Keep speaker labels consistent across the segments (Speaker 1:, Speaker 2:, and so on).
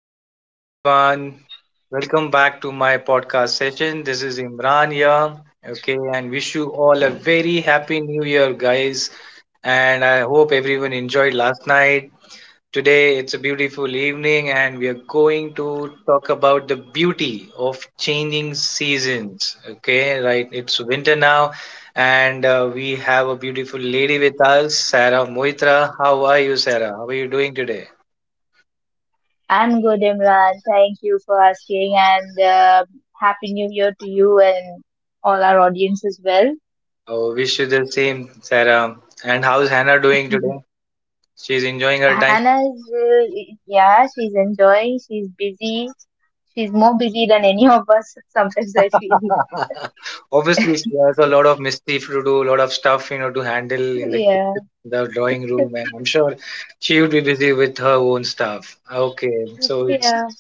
Speaker 1: Good evening, everyone. Welcome back to my podcast session. This is Imran here. Okay, and wish you all a very happy new year, guys. And I hope everyone enjoyed last night. Today, it's a beautiful evening, and we are going to talk about the beauty of changing seasons. Okay, right? It's winter now, and we have a beautiful lady with us, Sarah Moitra. How are you, Sarah? How are you doing today?
Speaker 2: I'm good, Imran. Thank you for asking, and Happy New Year to you and all our audience as well.
Speaker 1: Oh, wish you the same, Sarah. And how's Hannah doing today? She's enjoying her time.
Speaker 2: Hannah's, yeah, she's enjoying, she's busy, she's more busy than any of us sometimes, I feel.
Speaker 1: Obviously, she has a lot of mischief to do, a lot of stuff, to handle in the
Speaker 2: Yeah,
Speaker 1: kitchen, the drawing room, and I'm sure she would be busy with her own stuff. Okay, so it's
Speaker 2: yeah.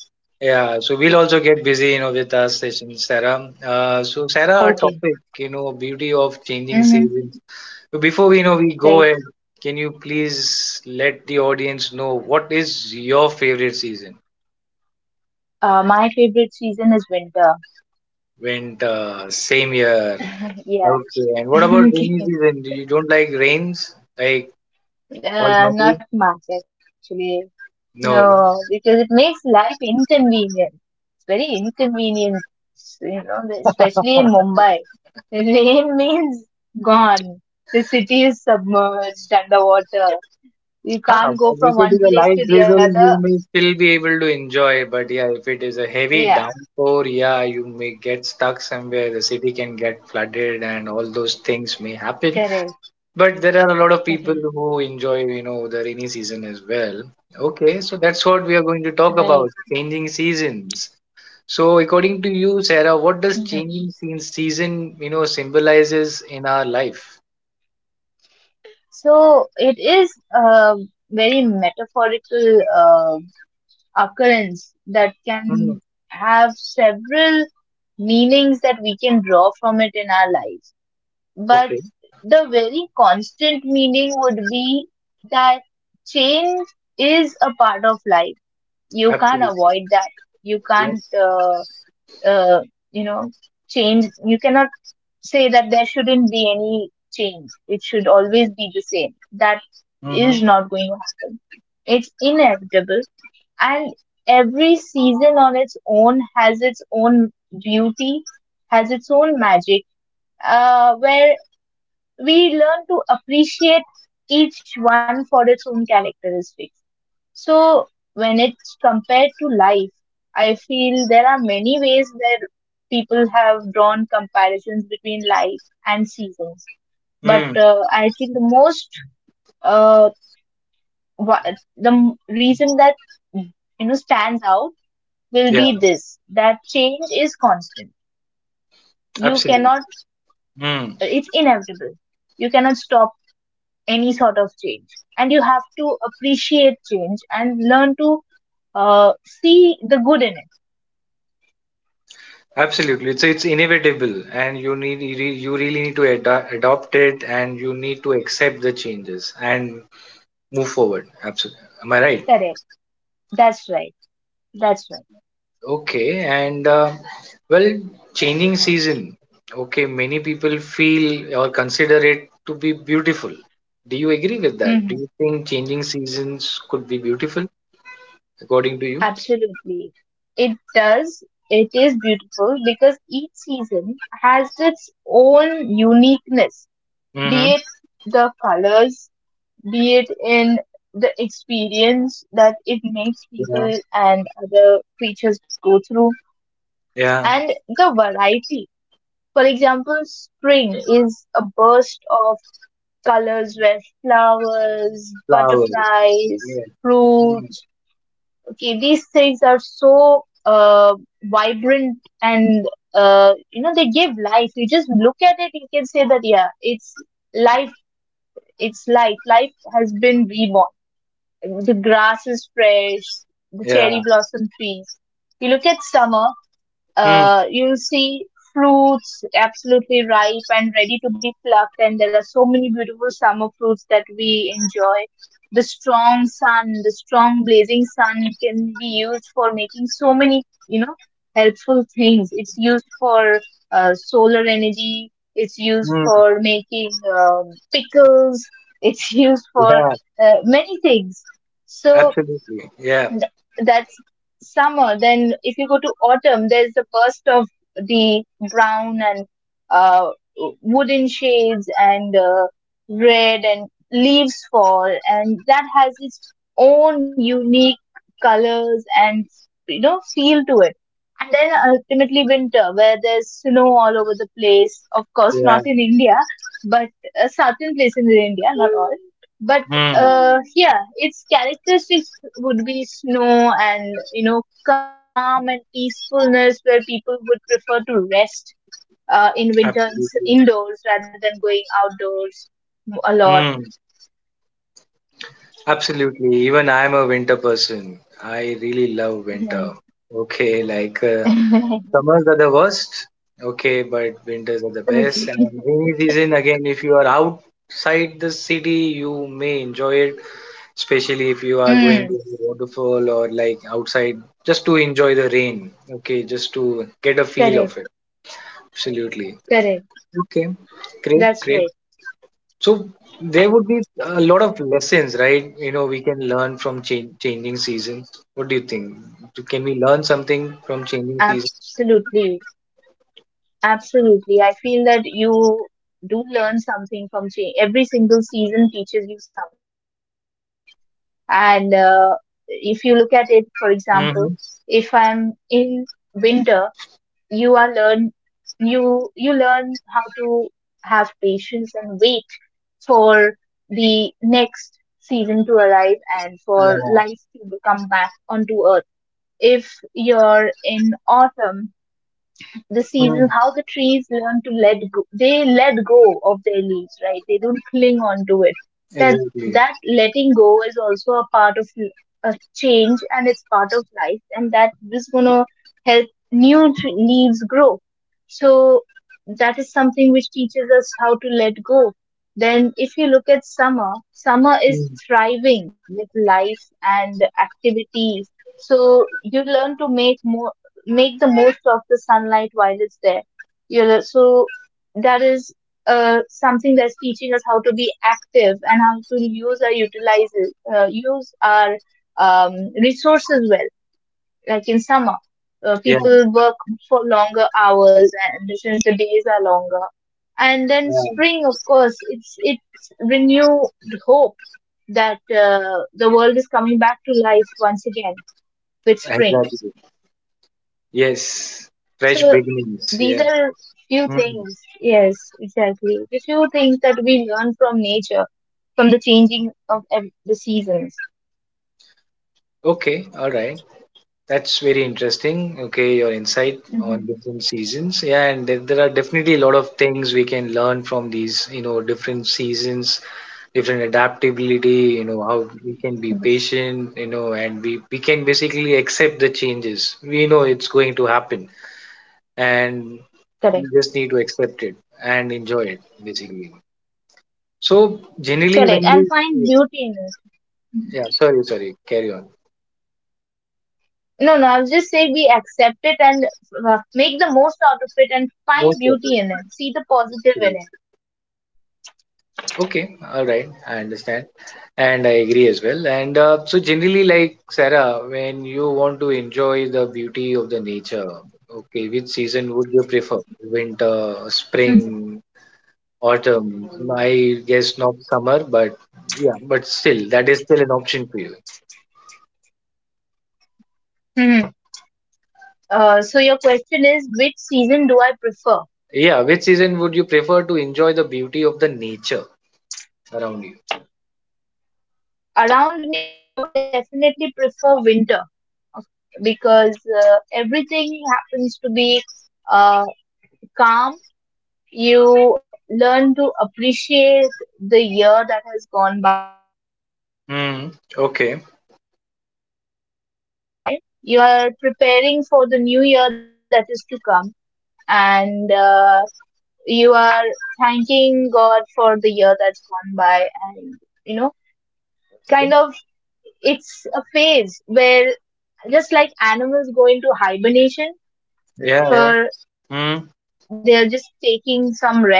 Speaker 1: yeah, so we'll also get busy, with our session, Sarah. So Sarah, our
Speaker 2: Okay.
Speaker 1: topic, beauty of changing
Speaker 2: Mm-hmm.
Speaker 1: seasons. So before we go
Speaker 2: Right.
Speaker 1: ahead, can you please let the audience know what is your favorite season?
Speaker 2: My favorite season is winter.
Speaker 1: Winter, same year.
Speaker 2: Yeah.
Speaker 1: Okay. And what about
Speaker 2: Okay.
Speaker 1: rainy season? Do you don't like rains? Like all
Speaker 2: Not
Speaker 1: muddy?
Speaker 2: much actually.
Speaker 1: No.
Speaker 2: No,
Speaker 1: no.
Speaker 2: because it makes life inconvenient. It's very inconvenient, you know, especially in Mumbai. The rain means gone. The city is submerged underwater. You
Speaker 1: Huh,
Speaker 2: can't
Speaker 1: but
Speaker 2: go
Speaker 1: if
Speaker 2: from
Speaker 1: it is
Speaker 2: one
Speaker 1: a
Speaker 2: place
Speaker 1: light
Speaker 2: to the
Speaker 1: drizzle,
Speaker 2: other.
Speaker 1: you may still be able to enjoy. But yeah, if it is a heavy
Speaker 2: Yeah,
Speaker 1: downpour, yeah, you may get stuck somewhere. The city can get flooded, and all those things may happen.
Speaker 2: correct,
Speaker 1: But there are a lot of
Speaker 2: correct,
Speaker 1: people who enjoy the rainy season as well. Okay, so that's what we are going to talk
Speaker 2: right.
Speaker 1: about, changing seasons. So, according to you, Sarah, what does
Speaker 2: Mhm.
Speaker 1: changing scene season symbolizes in our life?
Speaker 2: So it is a very metaphorical occurrence that
Speaker 1: Mm,
Speaker 2: can have several meanings that we can draw from it in our lives, but
Speaker 1: okay,
Speaker 2: the very constant meaning would be that change is a part of life. You can't
Speaker 1: absolutely.
Speaker 2: avoid that. You can't
Speaker 1: Yes.
Speaker 2: uh, you know change. You cannot say that there shouldn't be any change, it should always be the same. That
Speaker 1: Mm-hmm.
Speaker 2: is not going to happen. It's inevitable, and every season on its own has its own beauty, has its own magic, where we learn to appreciate each one for its own characteristics. So, when it's compared to life, I feel there are many ways where people have drawn comparisons between life and seasons. But
Speaker 1: Mm,
Speaker 2: I feel the most, uh, wha- reason that stands out will
Speaker 1: yeah,
Speaker 2: be this, that change is constant. You
Speaker 1: absolutely.
Speaker 2: cannot,
Speaker 1: Mm,
Speaker 2: it's inevitable. You cannot stop any sort of change, and you have to appreciate change and learn to see the good in it.
Speaker 1: absolutely. It's inevitable, and you really need to adopt it, and you need to accept the changes and move forward. Absolutely. Am I right?
Speaker 2: Correct, that's right, that's right.
Speaker 1: Okay, and well, changing season. Okay, many people feel or consider it to be beautiful. Do you agree with that? Do
Speaker 2: Hmm.
Speaker 1: you think changing seasons could be beautiful according to you?
Speaker 2: Absolutely, it does. It is beautiful because each season has its own uniqueness,
Speaker 1: Mm-hmm.
Speaker 2: be it the colors, be it in the experience that it makes
Speaker 1: Yeah.
Speaker 2: people and other creatures go through,
Speaker 1: Yeah.
Speaker 2: and the variety. For example, spring is a burst of colors where flowers,
Speaker 1: Flowers.
Speaker 2: butterflies,
Speaker 1: Yeah. Mm.
Speaker 2: fruits, okay, these things are so vibrant and you know, they give life. You just look at it, you can say that yeah, it's life. It's life. Life has been reborn. The grass is fresh. The cherry
Speaker 1: Yeah.
Speaker 2: blossom trees. You look at summer,
Speaker 1: Mm.
Speaker 2: you'll see fruits absolutely ripe and ready to be plucked. And there are so many beautiful summer fruits that we enjoy. The strong sun, the strong blazing sun can be used for making so many, you know, helpful things. It's used for solar energy. It's used
Speaker 1: Mm.
Speaker 2: for making pickles. It's used for
Speaker 1: Yeah.
Speaker 2: many things. So
Speaker 1: Absolutely. Yeah.
Speaker 2: th- that's summer. Then if you go to autumn, there's the burst of the brown and uh, wooden shades and red, and leaves fall, and that has its own unique colors and, you know, feel to it. And then ultimately winter, where there's snow all over the place. Of course,
Speaker 1: Yeah.
Speaker 2: not in India, but certain places in India, not all, but
Speaker 1: Mm.
Speaker 2: yeah, its characteristics would be snow and, you know, calm and peacefulness, where people would prefer to rest in winter in,
Speaker 1: Absolutely.
Speaker 2: indoors rather than going outdoors a lot.
Speaker 1: Mm. Absolutely. Even I'm a winter person. I really love
Speaker 2: Right.
Speaker 1: winter. Okay, like summers are the worst. Okay, but winters are the
Speaker 2: Okay.
Speaker 1: best. And rainy season again, if you are outside the city, you may enjoy it, especially if you are going
Speaker 2: Mm,
Speaker 1: to the waterfall or like outside just to enjoy the rain. Okay, just to get a feel of
Speaker 2: correct,
Speaker 1: it. Absolutely.
Speaker 2: correct,
Speaker 1: Okay, great,
Speaker 2: that's
Speaker 1: great.
Speaker 2: right.
Speaker 1: So there would be a lot of lessons, right? You know, we can learn from changing seasons. What do you think? Can we learn something from changing seasons?
Speaker 2: Absolutely, absolutely, I feel that you do learn something from change. Every single season teaches you something. And if you look at it, for example, if
Speaker 1: Mm-hmm.
Speaker 2: I'm in winter, you are learn you learn how to have patience and wait for the next season to arrive and for
Speaker 1: Yeah.
Speaker 2: life to come back onto earth. If you're in autumn, the
Speaker 1: Hmm.
Speaker 2: seasons, how the trees learn to let go. They let go of their leaves, right? They don't cling on to it. That
Speaker 1: Exactly.
Speaker 2: that letting go is also a part of a change, and it's part of life, and that is gonna help leaves grow. So that is something which teaches us how to let go. Then, if you look at summer, summer is
Speaker 1: Mm.
Speaker 2: thriving with life and activity. So you learn to make the most of the sunlight while it's there. You know, so that is something that's teaching us how to be active and how to use our utilize use our resources well. Like in summer,
Speaker 1: Yeah,
Speaker 2: people work for longer hours, and since the days are longer, and then
Speaker 1: yeah,
Speaker 2: spring, of course, it's renewed hope that the world is coming back to life once again with spring.
Speaker 1: exactly. Yes. Fresh
Speaker 2: So
Speaker 1: beginnings.
Speaker 2: these
Speaker 1: Yeah.
Speaker 2: are few
Speaker 1: Mm.
Speaker 2: things, yes, exactly, the few things that we learn from nature, from the changing of the seasons.
Speaker 1: Okay. All right. That's very interesting. Okay, your insight on
Speaker 2: Hmm.
Speaker 1: different seasons. Yeah, and there are definitely a lot of things we can learn from these different seasons, different adaptability, how
Speaker 2: Yes,
Speaker 1: we can be patient, and we can basically accept the changes. We know it's going to happen and
Speaker 2: correct,
Speaker 1: we just need to accept it and enjoy it, basically. So generally,
Speaker 2: correct,
Speaker 1: when
Speaker 2: and
Speaker 1: you
Speaker 2: find beauty in it. Mhm.
Speaker 1: yeah, sorry, sorry, carry on.
Speaker 2: No, no, I was just say, we accept it and make the most out of it and
Speaker 1: Most
Speaker 2: find
Speaker 1: of it,
Speaker 2: beauty in it, see the positive
Speaker 1: actually.
Speaker 2: in it.
Speaker 1: Okay, all right, I understand, and I agree as well. And so generally, like Sarah, when you want to enjoy the beauty of the nature, okay, which season would you
Speaker 2: Hmm.
Speaker 1: prefer? Winter, spring, autumn? I guess not summer, but yeah, but still, that is still an option for you.
Speaker 2: Hmm. So your question is which season do I prefer?
Speaker 1: Yeah, which season would you prefer to enjoy the beauty of the nature around you?
Speaker 2: Around me, I would definitely prefer winter, of- because everything happens to be uh, calm. You learn to appreciate the year that has gone by. You learn
Speaker 1: Hmm.
Speaker 2: to think
Speaker 1: Okay.
Speaker 2: about the year that has gone by. You are preparing for the new year that is to come, and you are thanking God for the year that's gone by, and, you know, kind of it's a phase where, just like animals go into hibernation
Speaker 1: Yeah, yeah.
Speaker 2: for they're
Speaker 1: Mm,
Speaker 2: just taking some rest,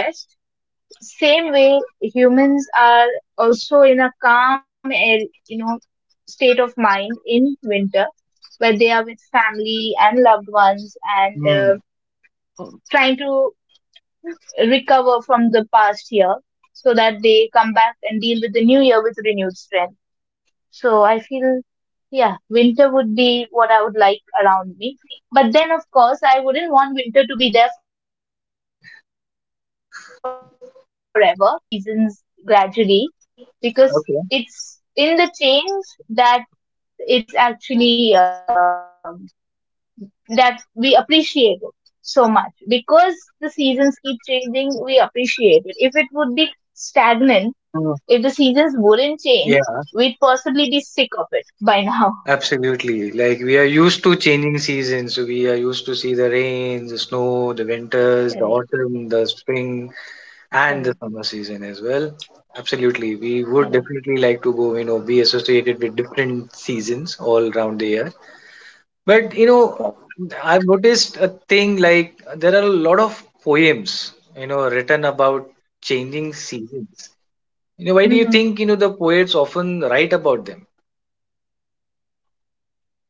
Speaker 2: same way humans are also in a calm and, you know, state of mind in winter, where they are with family and loved ones and,
Speaker 1: mm.
Speaker 2: trying to recover from the past year so that they come back and deal with the new year with renewed strength. So I feel, yeah, winter would be what I would like around me. But then, of course, I wouldn't want winter to be there forever. I would definitely want winter to be replaced by the other seasons gradually, because
Speaker 1: Okay.
Speaker 2: it's in the change that it's actually that we appreciate it so much. Because the seasons keep changing, we appreciate it. If it would be stagnant,
Speaker 1: Mm.
Speaker 2: if the seasons wouldn't change,
Speaker 1: Yeah,
Speaker 2: we'd possibly be sick of it by now.
Speaker 1: absolutely. Like we are used to changing seasons. We are used to see the rains, the snow, the winters, the
Speaker 2: Correct,
Speaker 1: autumn, the spring, and the summer
Speaker 2: correct,
Speaker 1: season as well. Absolutely. We would definitely
Speaker 2: correct,
Speaker 1: like to go, be associated with different seasons all around the year. But,
Speaker 2: correct.
Speaker 1: I've noticed a thing like there are a lot of poems, written about changing
Speaker 2: Hmm.
Speaker 1: seasons. Why do you think the poets often write about them?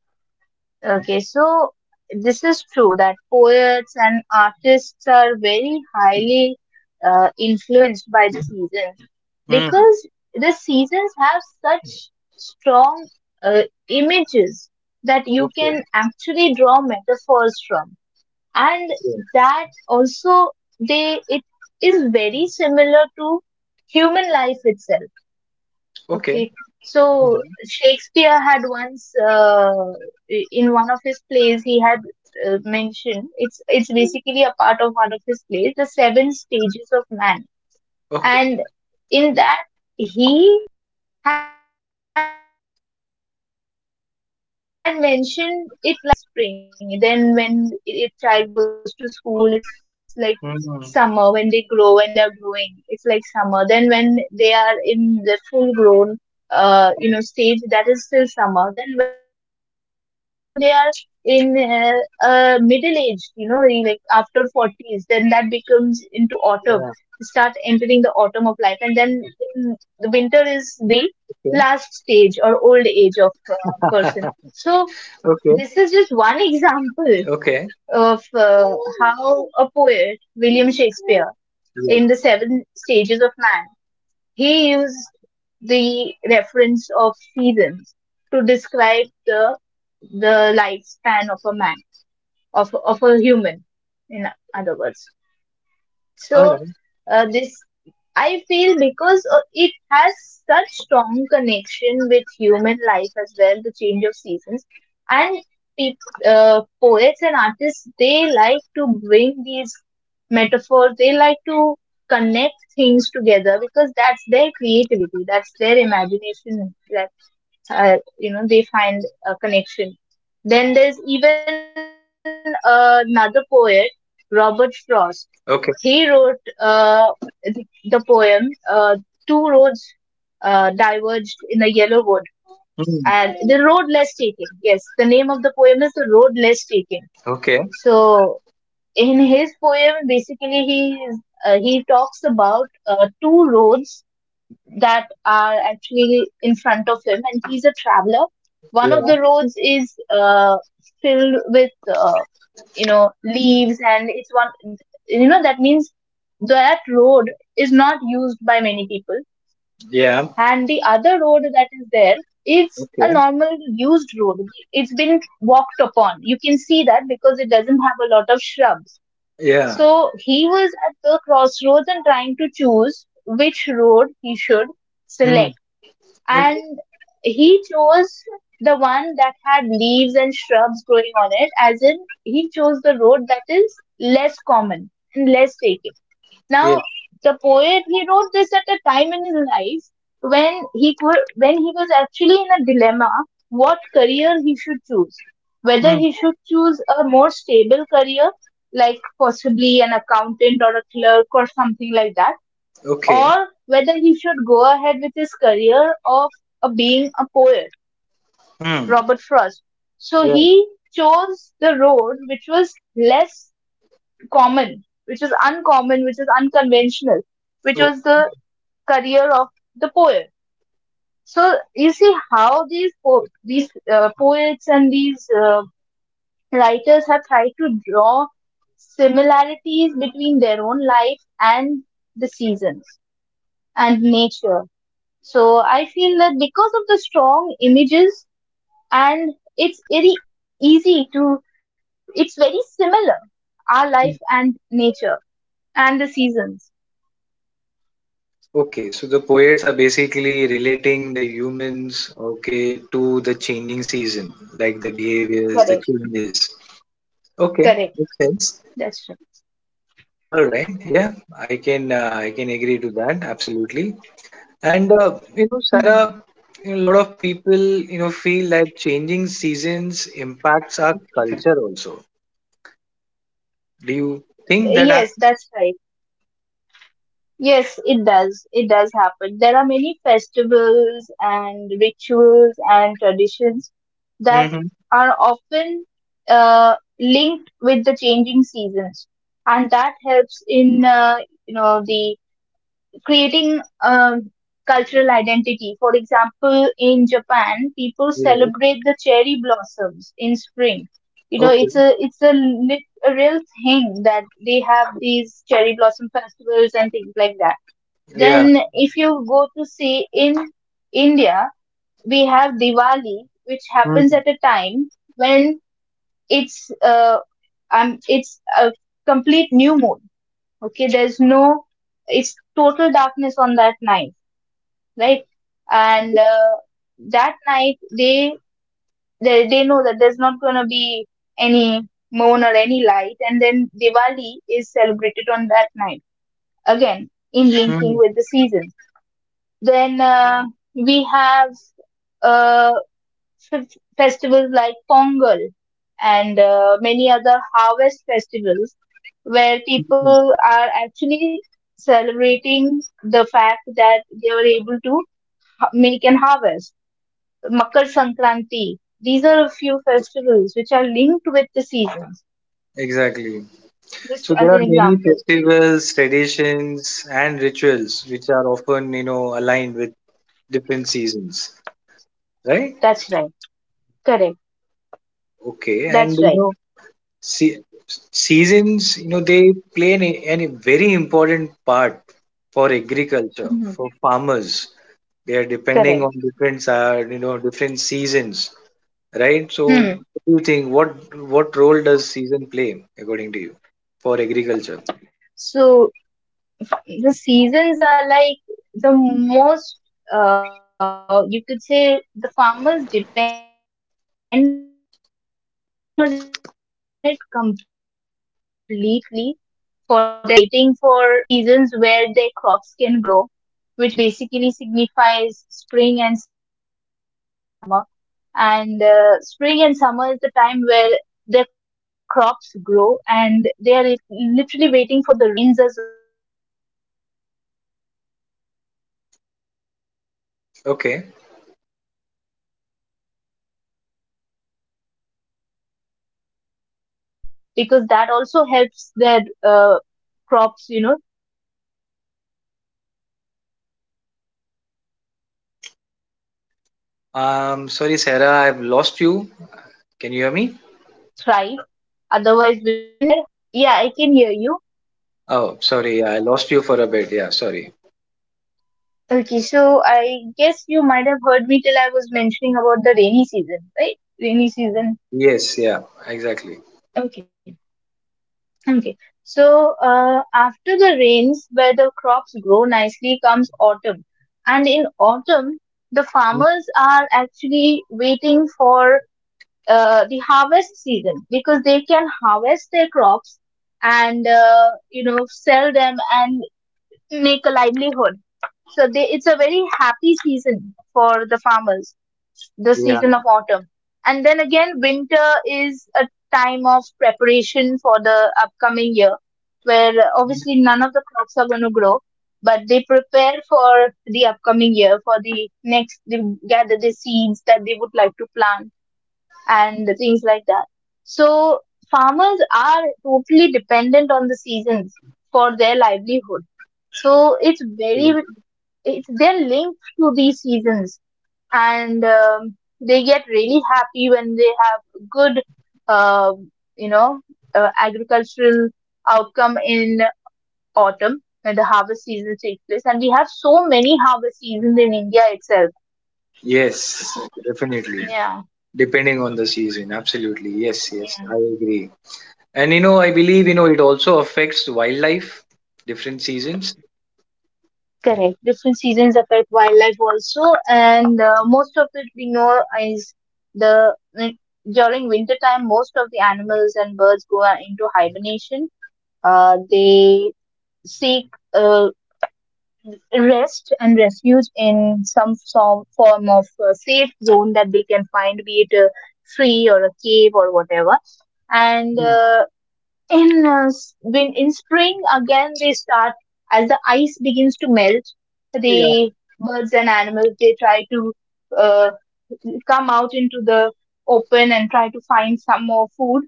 Speaker 2: Okay, so this is true that poets and artists are very highly influenced by the seasons,
Speaker 1: Hmm.
Speaker 2: because the seasons have such strong uh, images that you
Speaker 1: Okay.
Speaker 2: can actually draw metaphors from. And that also, they it is very similar to human life itself.
Speaker 1: Okay.
Speaker 2: Okay, so
Speaker 1: Mhm.
Speaker 2: Shakespeare had once in one of his plays, he had mentioned, it's basically a part of one of his plays, The Seven Stages of Man.
Speaker 1: Okay.
Speaker 2: And in that, he had mentioned it like seasons. Like, when the child is born, it's like spring. Then when it child goes to school, it's like
Speaker 1: Hmm. Hmm.
Speaker 2: summer. When they grow, when they're growing, it's like summer. Then when they are in the full grown you know stage, that is still summer. Then when they are in middle age, you know, in, like after 40s, then that becomes into autumn. They start
Speaker 1: Yeah.
Speaker 2: entering the autumn of life, and then, mm, the winter is the last
Speaker 1: Okay.
Speaker 2: stage or old age of person. So
Speaker 1: Okay.
Speaker 2: this is just one example
Speaker 1: Okay.
Speaker 2: of how a poet, William Shakespeare, in
Speaker 1: Yes.
Speaker 2: The Seven Stages of Man, he used the reference of seasons to describe the lifespan of a man, of a human, in other words.
Speaker 1: All
Speaker 2: So
Speaker 1: right.
Speaker 2: this, I feel because it has such strong connection with human life as well, the change of seasons, and peop poets and artists, they like to bring these metaphors. They like to connect things together because that's their creativity, that's their imagination. That you know, they find a connection. Then there's even another poet, Robert Frost.
Speaker 1: Okay.
Speaker 2: He wrote the poem, Two Roads Diverged in a Yellow Wood,
Speaker 1: Hmm.
Speaker 2: and The Road Less Taken. Yes, the name of the poem is The Road Less Taken.
Speaker 1: Okay.
Speaker 2: So in his poem, basically he talks about two roads that are actually in front of him, and he's a traveler. One of
Speaker 1: Yeah.
Speaker 2: the roads is filled with, you know, leaves, and it's one, you know, that means that road is not used by many people,
Speaker 1: Yeah.
Speaker 2: and the other road that is there is a
Speaker 1: Okay.
Speaker 2: normal used road. It's been walked upon. You can see that because it doesn't have a lot of shrubs.
Speaker 1: Yeah.
Speaker 2: So he was at the crossroads and trying to choose which road he should
Speaker 1: Hmm.
Speaker 2: select.
Speaker 1: Okay.
Speaker 2: And he chose the one that had leaves and shrubs growing on it. As in, he chose the road that is less common and less taken.
Speaker 1: Yes.
Speaker 2: Now the poet, he wrote this at a time in his life when he could when he was actually in a dilemma what career he should choose, whether
Speaker 1: Hmm.
Speaker 2: he should choose a more stable career, like possibly an accountant or a clerk or something like that,
Speaker 1: Okay.
Speaker 2: or whether he should go ahead with his career of being a poet,
Speaker 1: Hmm.
Speaker 2: Robert Frost. So
Speaker 1: Yeah.
Speaker 2: he chose the road which was less common, which was uncommon, which is unconventional, which
Speaker 1: Okay.
Speaker 2: was the career of the poet. So you see how these poets and these writers have tried to draw similarities between their own life and the seasons and nature. So I feel that because of the strong images and it's very easy it's very similar, our life and nature and the seasons.
Speaker 1: Okay, so the poets are basically relating the humans, okay, to the changing season, like the behaviors, the
Speaker 2: Correct,
Speaker 1: changes. Okay,
Speaker 2: correct.
Speaker 1: makes sense.
Speaker 2: That's right.
Speaker 1: All right. Yeah, I can agree to that absolutely. And uh, you
Speaker 2: Mhm.
Speaker 1: know, Sarah, you know, a lot of people feel like changing seasons impacts our culture also. Do you think
Speaker 2: Yes,
Speaker 1: that
Speaker 2: that's
Speaker 1: happens?
Speaker 2: right. Yes, it does. It does happen. There are many festivals and rituals and traditions that
Speaker 1: Mm-hmm.
Speaker 2: are often linked with the changing seasons, and that helps in you know the creating a cultural identity. For example, in Japan, people
Speaker 1: Yeah.
Speaker 2: celebrate the cherry blossoms in spring. You know,
Speaker 1: Okay.
Speaker 2: it's a real thing that they have these cherry blossom festivals and things like that.
Speaker 1: Yeah.
Speaker 2: Then, if you go to see in India, we have Diwali, which happens
Speaker 1: Mm-hmm.
Speaker 2: at a time when it's uh, it's a complete new moon. Okay, there's no it's total darkness on that night, right? And that night they know that there's not gonna be any moon or any light, and then Diwali is celebrated on that night, again in linking
Speaker 1: Mm-hmm.
Speaker 2: with the seasons. Then we have uh, f- festivals like Pongal and many other harvest festivals where people are actually celebrating the fact that they were able to make an harvest. Makar Sankranti. These are a few festivals which are linked with the seasons.
Speaker 1: Exactly.
Speaker 2: Just
Speaker 1: So
Speaker 2: as
Speaker 1: there
Speaker 2: an
Speaker 1: are many
Speaker 2: example.
Speaker 1: festivals, traditions, and rituals which are often aligned with different seasons, right?
Speaker 2: That's right. Correct.
Speaker 1: Okay. And
Speaker 2: That's
Speaker 1: you
Speaker 2: right.
Speaker 1: know, Se- seasons, you know, they play an a very important part for agriculture, for
Speaker 2: Hmm.
Speaker 1: farmers. They are depending on
Speaker 2: Correct.
Speaker 1: different seasons, right? So, what
Speaker 2: Hmm.
Speaker 1: do you think? What role does season play according to you for agriculture?
Speaker 2: So the seasons are like the most, you could say the farmers depend on it completely for their livelihood, right? And so they are eagerly waiting for the seasons where their crops can grow, which basically signifies spring and summer. And spring and summer is the time where their crops grow, and they are literally waiting for the rains as well, because that also helps their uh, crops, you know, to thrive. Otherwise, without
Speaker 1: Okay.
Speaker 2: the rains, the farmers really suffer. And then, if you look at it in autumn season, all the farmers they have their harvest festivals, is where they cut their crops, and they're really happy with the outcome.
Speaker 1: Sorry, Sarah,
Speaker 2: And
Speaker 1: I've lost you.
Speaker 2: they cut their
Speaker 1: Can you
Speaker 2: crops
Speaker 1: hear
Speaker 2: and
Speaker 1: me?
Speaker 2: harvest them so that they can. Yeah, I can hear you.
Speaker 1: Oh, sorry, yeah, I lost you for a bit. Yeah, sorry.
Speaker 2: Okay, so I guess you might have heard me till I was mentioning about the rainy season, right? Rainy season.
Speaker 1: Yes, yeah, exactly.
Speaker 2: Okay. Okay. So after the rains, where the crops grow nicely, comes autumn. And in autumn, the farmers are actually waiting for the harvest season because they can harvest their crops and you know sell them and make a livelihood. So they, it's a very happy season for the farmers, the
Speaker 1: Yeah.
Speaker 2: season of autumn. And then again, winter is a time of preparation for the upcoming year, where obviously none of the crops are going to grow, but they prepare for the upcoming year, for the next, they gather the seeds that they would like to plant and things like that. So, farmers are totally dependent on the seasons for their livelihood. So, it's very, it's, they're linked to these seasons and they get really happy when they have good, um you know agricultural outcome in autumn when the harvest season takes place, and we have so many harvest seasons in India itself.
Speaker 1: Yes, definitely.
Speaker 2: Yeah,
Speaker 1: Depending on the season, absolutely. Yes, yes,
Speaker 2: yeah,
Speaker 1: I agree. And I believe it also affects wildlife, different seasons.
Speaker 2: correct. Different seasons affect wildlife also, and most of it we know is the win- during winter time most of the animals and birds go into hibernation. They seek uh, rest and refuge in some form of safe zone that they can find, be it a tree or a cave or whatever. And
Speaker 1: Mm.
Speaker 2: when in spring again they start as the ice begins to melt,
Speaker 1: Yeah,
Speaker 2: the birds and animals they try to uh, come out into the open and try to find some more food.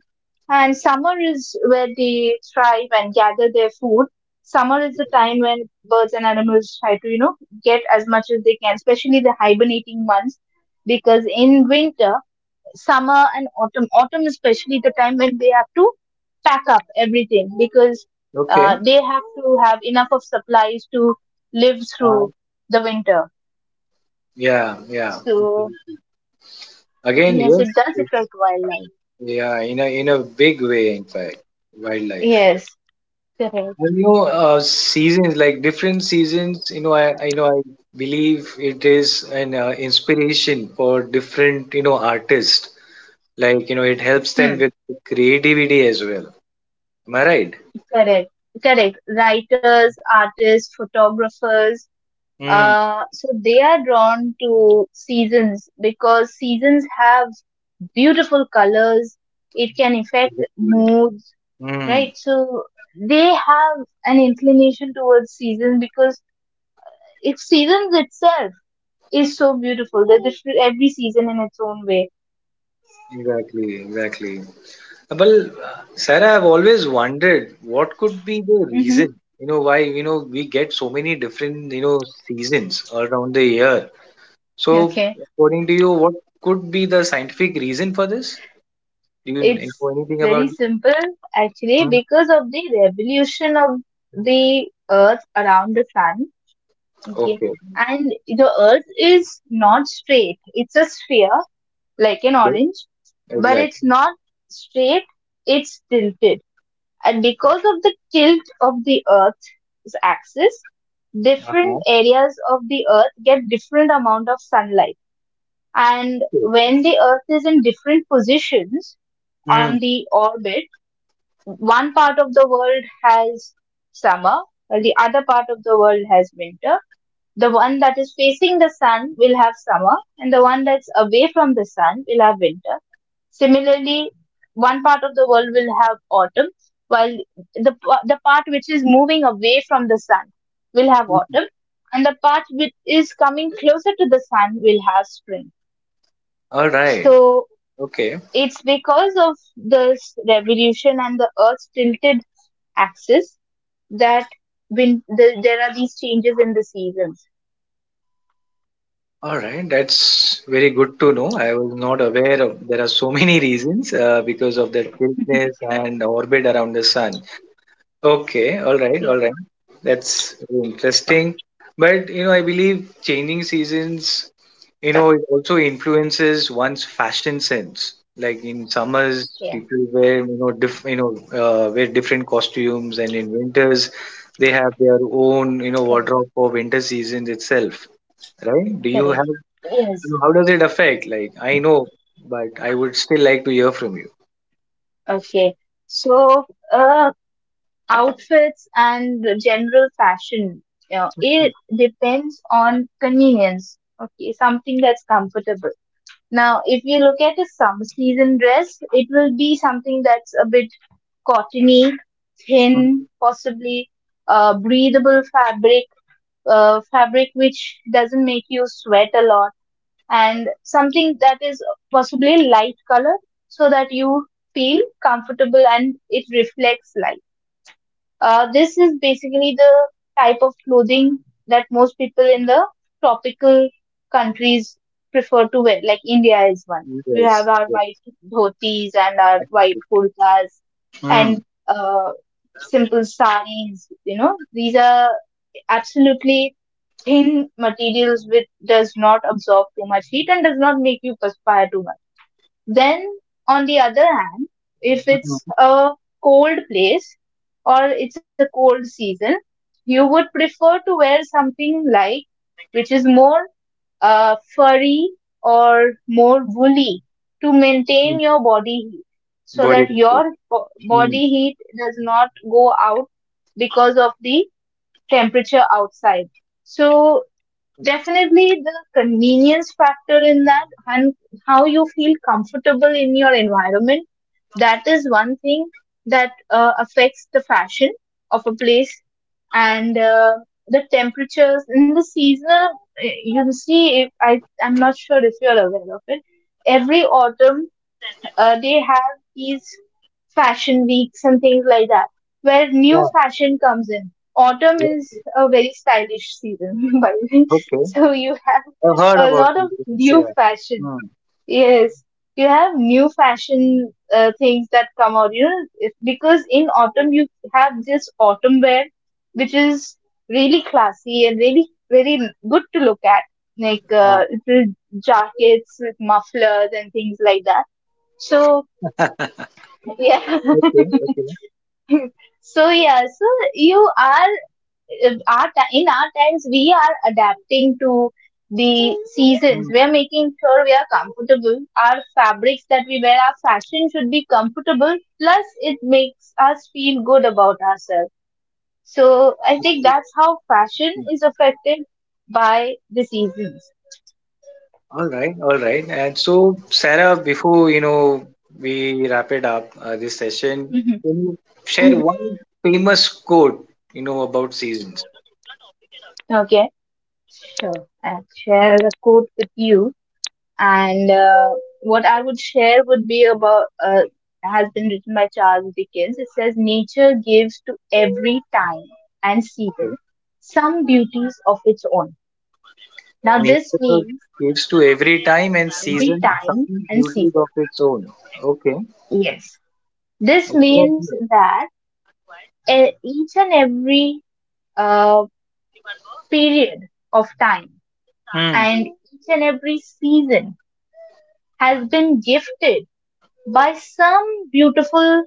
Speaker 2: And summer is where they thrive and gather their food. Summer is the time when birds and animals try to, you know, get as much as they can, especially the hibernating months. Because in winter, summer and autumn, autumn especially the time when they have to pack up everything because
Speaker 1: okay.
Speaker 2: they have to have enough of supplies to live
Speaker 1: uh,
Speaker 2: through the winter.
Speaker 1: yeah, yeah,
Speaker 2: So,
Speaker 1: absolutely. Again,
Speaker 2: yes,
Speaker 1: yes.
Speaker 2: it does
Speaker 1: it's-
Speaker 2: attract wildlife.
Speaker 1: yeah, in a big way, in fact, wildlife.
Speaker 2: Yes, correct.
Speaker 1: And, seasons, like different seasons, I know I believe it is an inspiration for different artists. Like, it helps them
Speaker 2: Hmm.
Speaker 1: with creativity as well. am i
Speaker 2: Correct. Correct. Writers, artists, photographers,
Speaker 1: right
Speaker 2: so they are drawn to seasons because seasons have beautiful colors. It can affect
Speaker 1: Exactly.
Speaker 2: moods,
Speaker 1: Mm,
Speaker 2: right? So they have an inclination towards seasons because it seasons itself is so beautiful. They're different every season in its own way.
Speaker 1: exactly, exactly. Well, Sarah, I've always wondered what could be the
Speaker 2: Mm-hmm.
Speaker 1: reason, why, we get so many different seasons all around the year. So,
Speaker 2: Okay.
Speaker 1: according to you, what could be the scientific reason for this? Do you know
Speaker 2: It's
Speaker 1: anything
Speaker 2: very
Speaker 1: about?
Speaker 2: simple, actually
Speaker 1: Hmm,
Speaker 2: because of the revolution of the earth around the sun. Okay.
Speaker 1: okay.
Speaker 2: And the earth is not straight. It's a sphere like an
Speaker 1: Yes,
Speaker 2: orange, but it's
Speaker 1: exactly.
Speaker 2: not straight. It's tilted. And because of the tilt of the earth's axis,
Speaker 1: Uh-huh.
Speaker 2: different areas of the earth get different amount of sunlight. And
Speaker 1: Okay.
Speaker 2: when the earth is in different positions
Speaker 1: Hmm.
Speaker 2: on the orbit, one part of the world has summer, while the other part of the world has winter. The one that is facing the sun will have summer, and the one that's away from the sun will have winter. Similarly, one part of the world will have autumn, while the part which is moving away from the sun will have autumn, and the part which is coming closer to the sun will have spring.
Speaker 1: All right.
Speaker 2: So
Speaker 1: Okay.
Speaker 2: it's because of this revolution and the earth's tilted axis that there are these changes in the seasons.
Speaker 1: All right, that's very good to know. I was not aware of there are so many reasons because of the tiltness and orbit around the sun. Okay, all right,
Speaker 2: Yeah,
Speaker 1: all right. That's very interesting. But, I believe changing seasons, it also influences one's fashion sense. Like in summers,
Speaker 2: yeah,
Speaker 1: people wear you know diff, you know wear different costumes, and in winters, they have their own you know
Speaker 2: correct,
Speaker 1: wardrobe for winter seasons itself, right? Do you
Speaker 2: correct.
Speaker 1: have
Speaker 2: Yes.
Speaker 1: know, how does it affect? Like, I know, but I would still like to hear from you.
Speaker 2: Okay. So, uh, outfits and the general fashion, you know, it depends on convenience. Okay, something that's comfortable. Now, if you look at a summer season dress, it will be something that's a bit cottony, thin, possibly breathable fabric, fabric which doesn't make you sweat a lot and something that is possibly light color so that you feel comfortable and it reflects light. This is basically the type of clothing that most people in the tropical countries prefer to wear, like India is one. We
Speaker 1: Yes.
Speaker 2: have our
Speaker 1: Yes.
Speaker 2: white dhotis and our white kurtas
Speaker 1: Hmm.
Speaker 2: and simple saris, you know, these are absolutely thin materials which does not absorb too much heat and does not make you perspire too much. Then, on the other hand, if it's a cold place or it's a cold season, you would prefer to wear something like which is more furry or more woolly to maintain your body heat so
Speaker 1: Body.
Speaker 2: that your
Speaker 1: language. Hmm.
Speaker 2: body heat does not go out because of the temperature outside. So definitely the convenience factor in that and how you feel comfortable in your environment, that is one thing that affects the fashion of a place and the temperatures in the seasonal you see, if I I'm not sure if you're aware of it, every autumn they have these fashion weeks and things like that where new
Speaker 1: Yeah.
Speaker 2: fashion comes in. Autumn is
Speaker 1: Yeah.
Speaker 2: a very stylish season by the way,
Speaker 1: Okay.
Speaker 2: so you have
Speaker 1: I've heard
Speaker 2: a
Speaker 1: about
Speaker 2: lot of
Speaker 1: it. Yes. Yeah.
Speaker 2: new fashion.
Speaker 1: Hmm.
Speaker 2: Yes, you have new fashion things that come out, you know, if, because in autumn you have this autumn wear which is really classy and really very good to look at, like
Speaker 1: Yeah.
Speaker 2: little jackets with mufflers and things like that. So yeah
Speaker 1: Okay. Okay.
Speaker 2: so yeah, so you are our ti- in our times we are adapting to the seasons,
Speaker 1: Hmm.
Speaker 2: we are making sure we are comfortable, our fabrics that we wear, our fashion should be comfortable plus it makes us feel good about ourselves. So I think
Speaker 1: Absolutely.
Speaker 2: that's how fashion
Speaker 1: Hmm.
Speaker 2: is affected by the seasons.
Speaker 1: All right. All right. And so, Sarah, before we wrap it up this session,
Speaker 2: Hmm.
Speaker 1: can you share
Speaker 2: Hmm.
Speaker 1: one famous quote about seasons?
Speaker 2: Okay. Sure, I'll share a quote with you. And what I would share would be about has been written by Charles Dickens. It says nature gives to every time and season some beauties of its own. Now this
Speaker 1: Nature
Speaker 2: means
Speaker 1: gives to every time and
Speaker 2: every
Speaker 1: season some
Speaker 2: time and
Speaker 1: beauties
Speaker 2: season.
Speaker 1: of its own. Okay.
Speaker 2: Yes, this
Speaker 1: Exactly.
Speaker 2: means that each and every uh, period of time
Speaker 1: Hmm.
Speaker 2: and each and every season has been gifted by some beautiful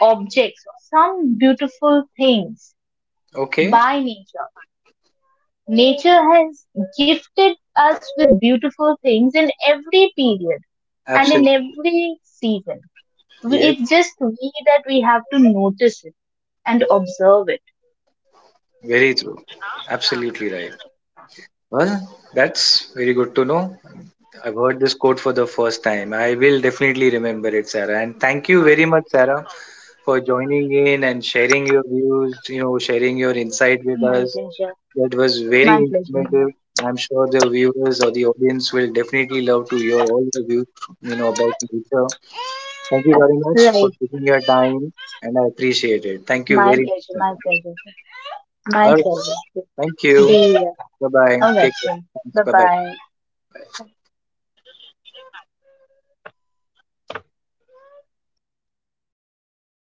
Speaker 2: objects or some beautiful things
Speaker 1: Okay.
Speaker 2: by nature. Nature has gifted us with beautiful things in every period and in
Speaker 1: Absolutely.
Speaker 2: every season.
Speaker 1: Yes.
Speaker 2: It's just we that we have to notice it and observe it.
Speaker 1: Very true. Absolutely right. Well, that's very good to know. I've heard this quote for the first time. I will definitely remember it, Sarah. And thank you very much, Sarah, for joining in and sharing your views, sharing your insight with
Speaker 2: My
Speaker 1: us.
Speaker 2: pleasure.
Speaker 1: That was very
Speaker 2: My pleasure.
Speaker 1: informative. I'm sure the viewers or the audience will definitely love to hear all the views, about nature. Thank you very much for
Speaker 2: Right.
Speaker 1: taking your time, and I appreciate it. Thank you
Speaker 2: My
Speaker 1: very
Speaker 2: pleasure.
Speaker 1: much.
Speaker 2: My pleasure. My
Speaker 1: All right.
Speaker 2: pleasure.
Speaker 1: Thank you.
Speaker 2: Be here.
Speaker 1: Bye bye.
Speaker 2: All right.
Speaker 1: Take care. Thanks.
Speaker 2: Bye
Speaker 1: Bye bye.
Speaker 2: bye.